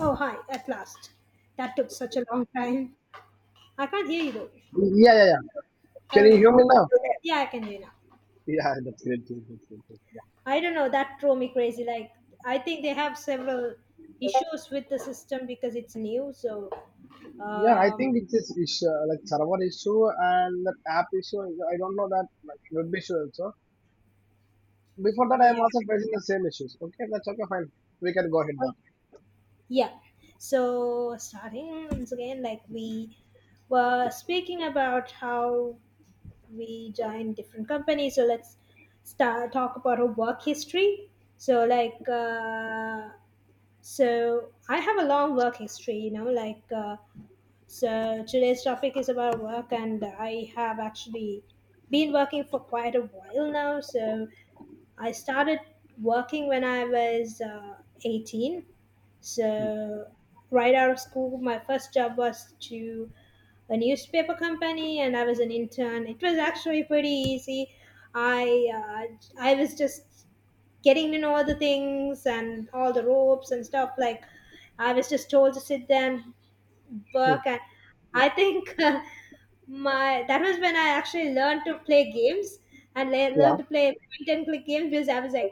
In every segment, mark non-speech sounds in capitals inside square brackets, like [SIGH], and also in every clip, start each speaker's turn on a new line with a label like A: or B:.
A: Oh, hi, at last. That took such a long time. I can't hear you though.
B: Yeah, yeah, yeah. Can you
A: Yeah,
B: hear me now?
A: yeah, I can hear you now.
B: Yeah, that's great. That's great. That's great. Yeah,
A: I don't know, that drove me crazy. Like, I think they have several issues with the system because it's new. So,
B: yeah. I
A: um,
B: think it's this issue, like server issue and that app issue. I don't know that like web issue also. Before that, I am
A: yeah.
B: also facing the same issues. Okay, that's okay. Fine, we can go ahead. That.
A: Yeah. So, starting once again, like, we were speaking about how we joined different companies. So, let's start talk about our work history. So, like, so I have a long work history, like so today's topic is about work, and I have actually been working for quite a while now. So I started working when I was 18. So, right out of school, my first job was to a newspaper company, and I was an intern. It was actually pretty easy. I I was just getting to know all the things and all the ropes and stuff. Like I was just told to sit there and work,
B: Hmm.
A: and I think [LAUGHS] my that was when I actually learned to play games and
B: Yeah.
A: learned to play point and click games because I was like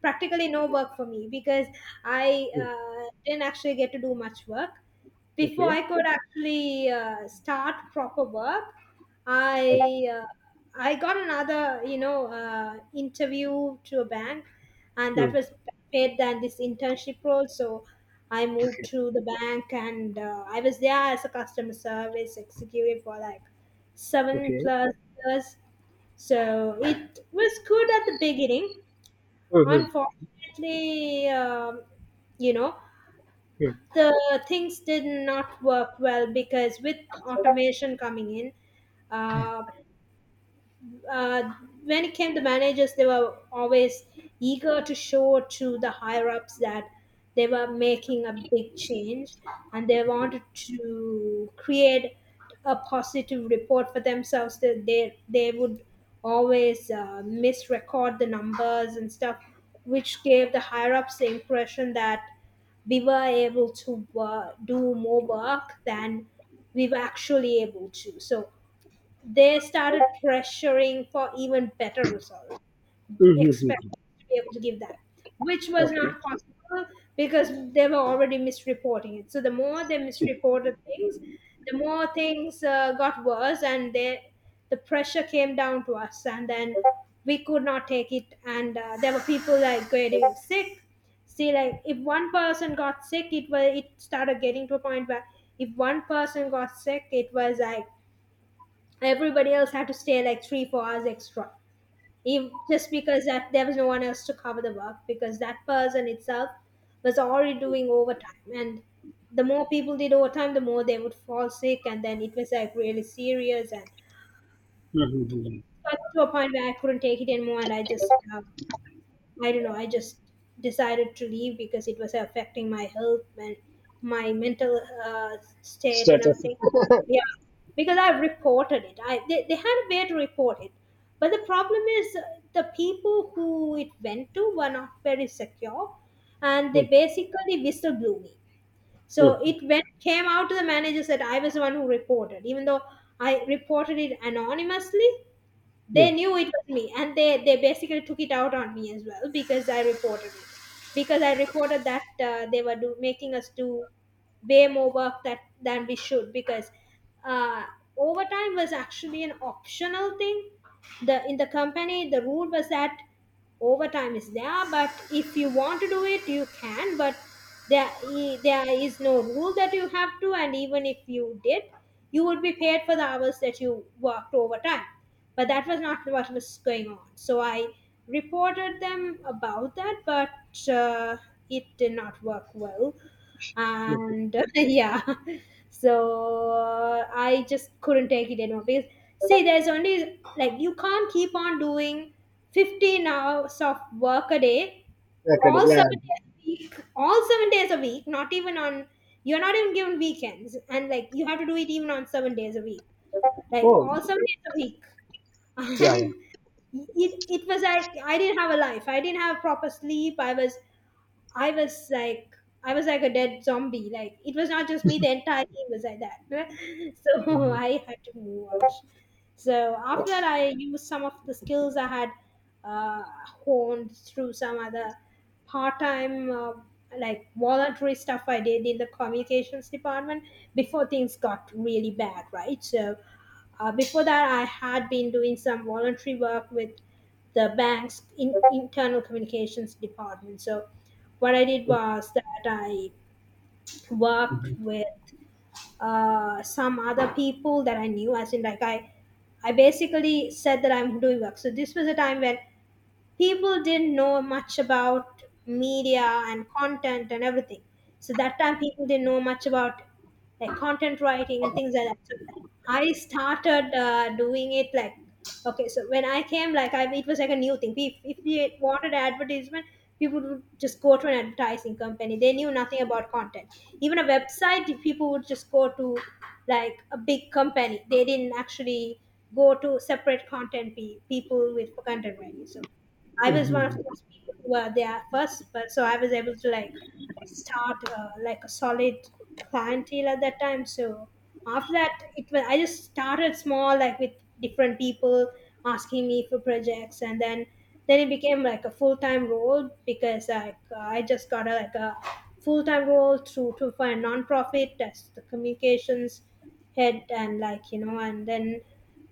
A: practically no work for me because I
B: Hmm.
A: didn't actually get to do much work before
B: Okay.
A: I could actually start proper work.
B: Hmm.
A: I uh, I got another interview to a bank, and
B: Hmm.
A: that was paid than this internship role. So I moved to the bank, and I was there as a customer service executive for like seven
B: Okay.
A: plus. So it was good at the beginning.
B: Hmm. Hmm.
A: Unfortunately, you know,
B: Hmm.
A: the things did not work well because with automation coming in, uh, uh, when it came to managers, they were always eager to show to the higher ups that they were making a big change and they
B: Okay.
A: wanted to create a positive report for themselves that they would always misrecord the numbers and stuff, which gave the higher ups the impression that we were able to do more work than we were actually able to. So they started pressuring for even better results,
B: Hmm. Hmm. Hmm.
A: expecting to be able to give that, which was
B: Okay.
A: not possible because they were already misreporting it. So the more they
B: Hmm.
A: misreported things, the more things got worse, and the pressure came down to us, and then we could not take it. And there were people like getting sick. See, like if one person got sick, it started getting to a point where if one person got sick, it was like everybody else had to stay like three, 4 hours extra, even, just because that there was no one else to cover the work because that person itself was already doing overtime, and the more people did overtime, the more they would fall sick, and then it was like really serious, and
B: Hmm. Hmm. Hmm.
A: got to a point where I couldn't take it anymore, and I just I don't know, I just decided to leave because it was affecting my health and my mental state and
B: Status.
A: everything. Yeah, because I reported it. They had a way to report it. But the problem is the people who it went to were not very secure, and they
B: Hmm.
A: basically whistle blew me. So
B: Hmm.
A: it went came out to the manager that I was the one who reported, even though I reported it anonymously.
B: Hmm.
A: They knew it was me, and they basically took it out on me as well because I reported it, because I reported that they were making us do way more work that than we should because uh, overtime was actually an optional thing. The in the company, the rule was that overtime is there, but if you want to do it, you can, but there there is no rule that you have to, and even if you did, you would be paid for the hours that you worked overtime. But that was not what was going on, so I reported them about that, but it did not work well,
B: Hmm. Hmm.
A: and [LAUGHS] yeah. So I just couldn't take it anymore, because see, there's only like you can't keep on doing 15 hours of work a day,
B: Okay.
A: all
B: Yeah.
A: 7 days a week, all 7 days a week, not even on you're not even given weekends, and like you have to do it even on 7 days a week, like
B: Oh.
A: all 7 days a week [LAUGHS]
B: Yeah. Yeah.
A: and it was like I didn't have a life, I didn't have proper sleep, I was like I was like a dead zombie. Like it was not just me, the entire team was like that [LAUGHS] so
B: Hmm.
A: I had to move out. So
B: Hmm.
A: after that I used some of the skills I had honed through some other part-time like voluntary stuff I did in the communications department before things got really bad, right? So before that, I had been doing some voluntary work with the bank's internal communications department. So, what I did was that I worked
B: Hmm.
A: with some other people that I knew, as in, like, I basically said that I'm doing work. So this was a time when people didn't know much about media and content and everything. So that time people didn't know much about like content writing and things like that. So I started doing it like okay. So when I came, like I it was like a new thing. If you wanted an advertisement, people would just go to an advertising company. They knew nothing about content. Even a website, if people would just go to like a big company. They didn't actually go to separate content people with content writing. So I was one of
B: Hmm.
A: those people who were there first, but so I was able to like start like a solid clientele at that time. So after that, it was I just started small, like with different people asking me for projects, and then it became like a full time role because like I just got like a full time role through to for a nonprofit as the communications head, and like and then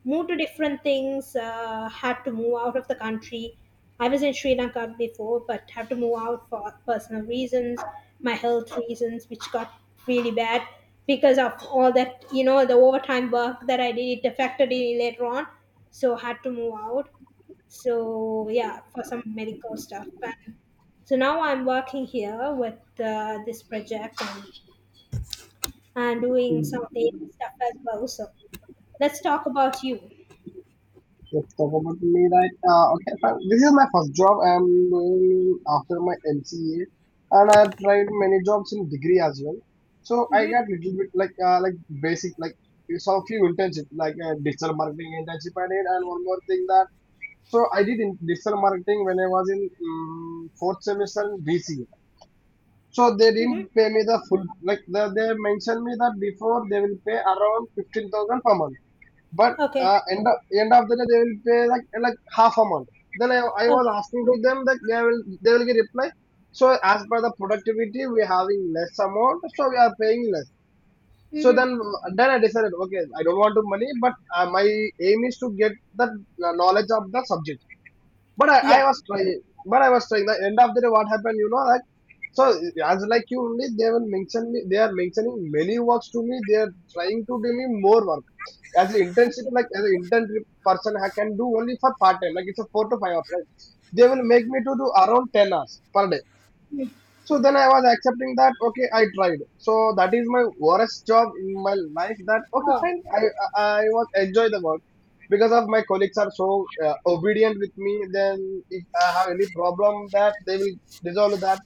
A: moved to different things, had to move out of the country. I was in Sri Lanka before, but had to move out for personal reasons, my health reasons, which got really bad because of all that, you know, the overtime work that I did, it affected me later on. So, had to move out. So, yeah, for some medical stuff. And so now I'm working here with this project, and doing some data stuff as well. So, let's talk about you.
B: It's about me right okay fine. This is my first job I'm doing after my MCA, and I tried many jobs in degree as well. So I
A: Mhm.
B: got little bit like basic like it's all few internship like digital marketing internship I did, and one more thing that, so I did in digital marketing when I was in fourth semester in BCA. So they didn't
A: Mm-hmm.
B: pay me the full like they mentioned me that before they will pay around 15,000 per month, but
A: Okay.
B: end of the day, they will pay like half amount. Then I was
A: Okay.
B: asking to them that they will get reply. So as per the productivity, we are having less amount, so we are paying less. So
A: Mm-hmm.
B: then I decided, okay, I don't want to money, but my aim is to get the knowledge of the subject, but I
A: Yeah.
B: was trying, but I was trying. The end of the day, what happened, like, so as like you only, they will mention me. They are mentioning many works to me. They are trying to do me more work as an internship
A: Okay.
B: like as an intern person. I can do only for part time, like it's a four to five hours. Like they will make me to do around 10 hours per day.
A: Mm.
B: So then I was accepting that okay, I tried. So that is my worst job in my life. That okay,
A: Oh,
B: fine. I was enjoy the work because of my colleagues are so obedient with me. Then if I have any problem, that they will resolve that.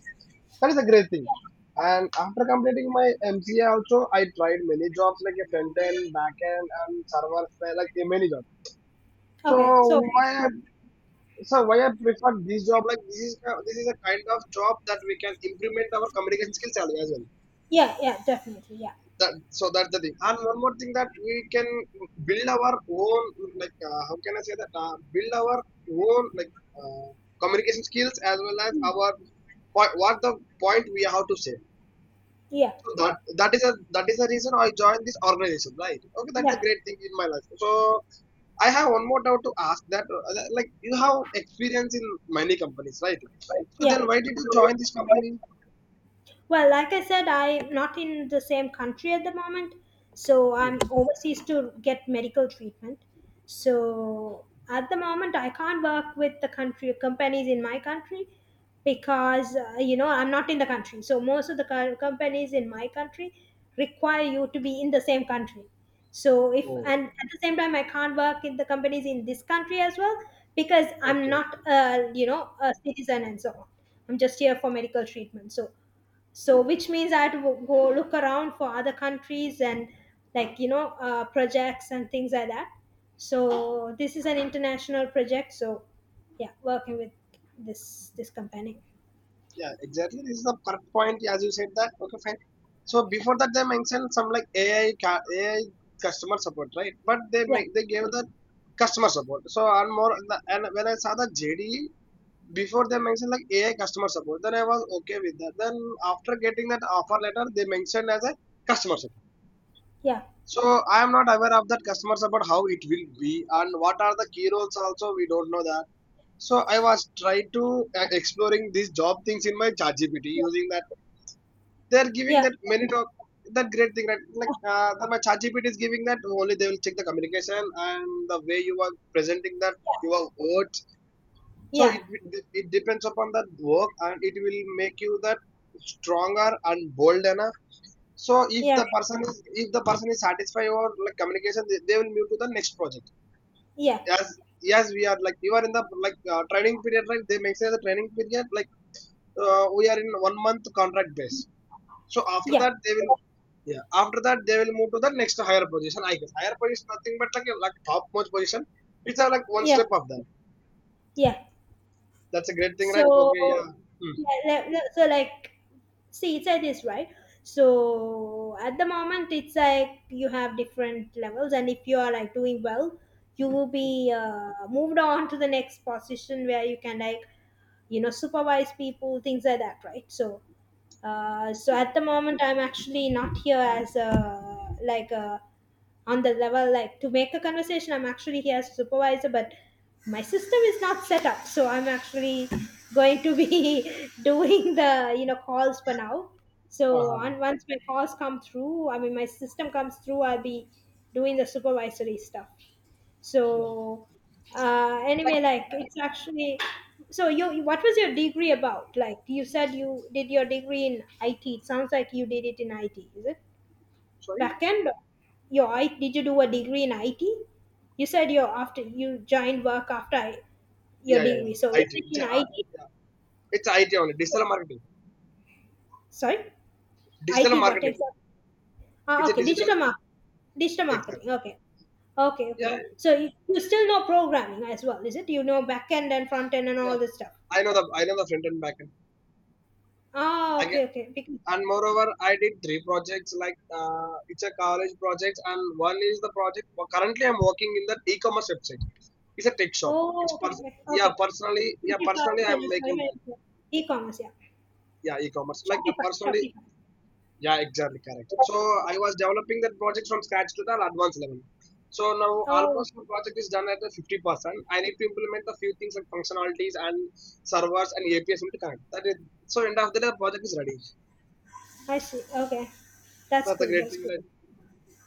B: That is a great thing. And after completing my MCA, also I tried many jobs like a front end, back end, and server side, like many jobs. So
A: okay. So,
B: why so why I prefer this job? Like this is a kind of job that we can implement our communication skills as well.
A: yeah, yeah, definitely. Yeah.
B: That so that's the thing. And one more thing that we can build our own like, how can I say that, build our own like, uh, communication skills as well as
A: Yeah.
B: our point, what the point we have to say.
A: Yeah.
B: So that is a, that is the reason I joined this organization, right? Okay, that's a
A: Yeah.
B: great thing in my life. So I have one more doubt to ask that, like, you have experience in many companies, right? So
A: Yeah.
B: then why did you join this company?
A: Well, like I said, I'm not in the same country at the moment, so
B: Mm.
A: I'm overseas to get medical treatment. So at the moment, I can't work with the country companies in my country because you know I'm not in the country. So most of the companies in my country require you to be in the same country. So if
B: Oh,
A: and at the same time, I can't work in the companies in this country as well because I'm not
B: okay.
A: a citizen and so on. I'm just here for medical treatment. So which means I had to go look around for other countries and like projects and things like that. So this is an international project. So yeah, working with this company.
B: Yeah, exactly. This is the perfect point, as you said that. Okay, fine. So before that, they mentioned some like AI customer support, right? But they
A: Yeah,
B: make they gave the customer support. So and more, and when I saw the JD, before they mentioned like AI customer support, then I was okay with that. Then after getting that offer letter, they mentioned as a customer support.
A: yeah,
B: So I am not aware of that customers about how it will be, and what are the key roles also we don't know that. So I was trying to exploring these job things in my ChatGPT using that. They are giving
A: yeah,
B: that many job, that great thing, right? That my ChatGPT is giving that only. They will check the communication and the way you are presenting that your words. So it
A: yeah,
B: it depends upon that work, and it will make you that stronger and bolder. So if
A: yeah,
B: the
A: yeah,
B: person is if the person is satisfied or like communication, they will move to the next project.
A: yeah,
B: As yes, we are like, you are in the like training period, right? They make say the training period like, we are in one month contract base. So after
A: yeah,
B: that they will, yeah, after that they will move to the next higher position. I guess higher position nothing but like like top most position. Like one
A: yeah,
B: step of that.
A: yeah.
B: That's a great thing, right? Okay,
A: So
B: yeah. Hmm.
A: yeah, like see it's like this, right? So at the moment it's like you have different levels, and if you are like doing well, you will be moved on to the next position where you can like supervise people, things like that, right? So at the moment I'm actually not here as a on the level like to make a conversation. I'm actually here as a supervisor, but my system is not set up, so I'm actually going to be [LAUGHS] doing the calls for now. So
B: Uh-huh.
A: on once my calls come through, I mean my system comes through, I'll be doing the supervisory stuff.
B: Yeah.
A: So anyway,
B: Like
A: like it's actually, so you what was your degree about? Like, you said you did your degree in it, it sounds like you did it in it, is it
B: sorry.
A: backend? Your- I did you do a degree in IT? You said you after you joined work, your
B: Yeah, yeah, yeah.
A: degree. So
B: IT.
A: is it
B: It's,
A: in IT?
B: yeah. It's IT only. Digital marketing.
A: Sorry,
B: Digital
A: IT what
B: marketing.
A: exactly? Ah,
B: It's a
A: okay,
B: digital,
A: digital marketing.
B: exactly.
A: Okay, okay,
B: Yeah,
A: okay. So you still know programming as well, is it? You know backend and front end and
B: yeah.
A: all this stuff.
B: I know the front and back end.
A: Ah,
B: I get,
A: okay, okay. Because,
B: and moreover, I did 3 projects. Like it's a college project, and one is the project. Well, currently, I'm working in the e-commerce website. It's a tech shop.
A: oh, okay, okay,
B: Yeah,
A: okay.
B: personally, yeah,
A: Shopify,
B: personally I'm
A: sorry, sorry,
B: making that,
A: my— e-commerce, yeah.
B: yeah, e-commerce, like,
A: Shopify,
B: personally.
A: Shopify.
B: Yeah, exactly correct. So I was developing that project from scratch to the advanced level. So now
A: Oh,
B: almost the project is done at the 50%. I need to implement a few things like functionalities and servers and APIs will connect. That is, so end of the day, the project is ready.
A: I see. Okay. That's
B: That's a
A: good.
B: great
A: That's
B: thing.
A: good.
B: Like,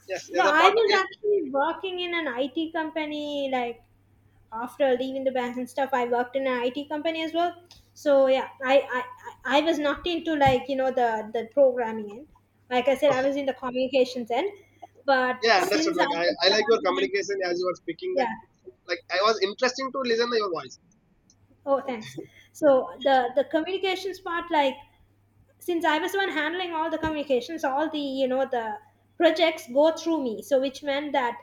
B: yes,
A: No,
B: as a
A: I
B: part. Yeah,
A: was actually working in an IT company, like after leaving the bank and stuff. I worked in an IT company as well. So yeah, I was not into, like, you know, the programming end. Like I said, I was in the communications end. But
B: yeah, understood.
A: since I
B: Like
A: was
B: I
A: the
B: like
A: one
B: your
A: who had—
B: communication as you were speaking.
A: yeah.
B: Like I was interesting to listen to your voice.
A: Oh, thanks. So the communications part, like since I was the one handling all the communications, all the, the projects go through me. So which meant that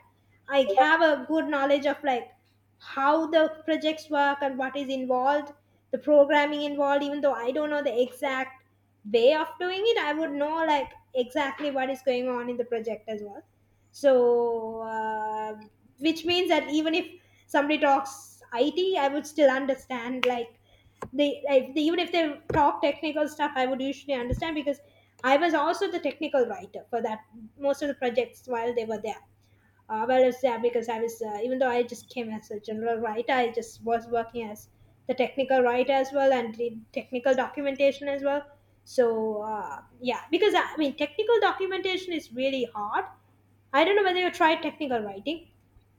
A: I have a good knowledge of like how the projects work and what is involved, the programming involved. Even though I don't know the exact way of doing it, I would know like exactly what is going on in the project as well. So which means that even if somebody talks IT, I would still understand, like they, if they, even if they talk technical stuff, I would usually understand because I was also the technical writer for that, most of the projects while they were there, while I was there, because I was, even though I just came as a general writer, I just was working as the technical writer as well, and did technical documentation as well. So yeah, because I mean technical documentation is really hard. I don't know whether you tried technical writing.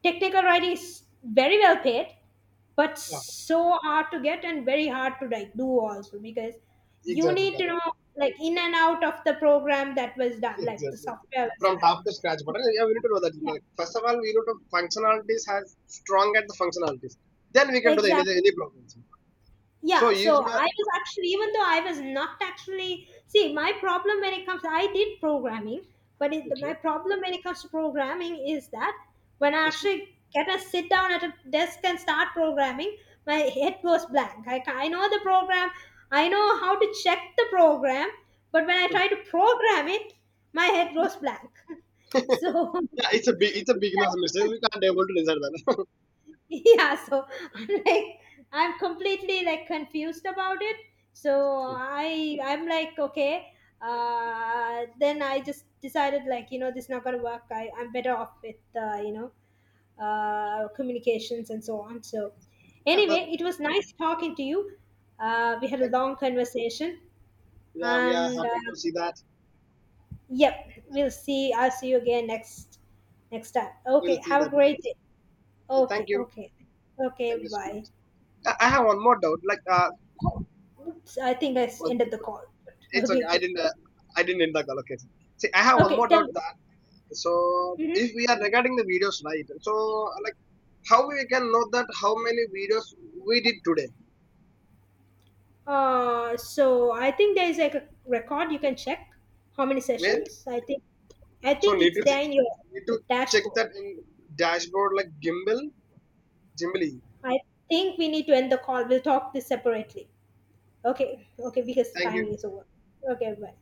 A: Technical writing is very well paid, but
B: Yeah,
A: so hard to get, and very hard to like do also, because you
B: exactly
A: need to
B: correct.
A: know like in and out of the program that was done, like the
B: Exactly.
A: software was
B: From
A: done.
B: top to scratch, but yeah, we need to know that. Like, first of all, we need to functionalities has strong at the functionalities. Then we
A: Yeah,
B: can do the any
A: exactly.
B: any problems. So
A: Yeah,
B: if you
A: so
B: are
A: I was actually, even though I was not actually, see, my problem when it comes, I did programming, but it,
B: okay,
A: my
B: [LAUGHS]
A: problem when it comes to programming is that when I actually get a sit down at a desk and start programming, my head goes blank. I, I know the program, I know how to check the program, but when I try to program it, my head goes blank. [LAUGHS] So
B: yeah, it's a big, it's a beginner's mistake.
A: [LAUGHS]
B: We can't able to resolve that. [LAUGHS]
A: [LAUGHS] yeah, so I'm like, I'm completely like confused about it. So
B: Okay.
A: I'm like, okay, then I just decided like, you know, this is not gonna work. I'm better off with you know, communications and so on. So
B: Yeah, but,
A: anyway, it was nice talking to you. We had a
B: like,
A: long conversation,
B: yeah, we are
A: and
B: happy to see that.
A: yep, we'll see I'll see you again next next time.
B: We'll
A: Okay,
B: see
A: have
B: that
A: a great
B: next time.
A: day.
B: Thank
A: Okay,
B: you.
A: okay, okay,
B: Thank you so much.
A: bye.
B: I
A: Bye.
B: have one more doubt. Like,
A: Oops, I think I
B: one-
A: ended the call.
B: it's
A: Okay,
B: okay. I
A: okay,
B: didn't. I didn't end the call. Okay. See, I have one
A: okay.
B: more
A: Tell
B: doubt.
A: me.
B: So if
A: Mhm.
B: we are regarding the videos, right? So like how we can know that how many videos we did today
A: So I think there is like a record you can check how many
B: when?
A: sessions. I think, I
B: So
A: think
B: need
A: it's
B: to
A: there in your
B: need to check
A: dashboard.
B: that in dashboard like gimbal, gimbly.
A: I think we need to end the call. We'll talk this separately. Okay, okay, because
B: Thank you.
A: timing is over. Okay, bye.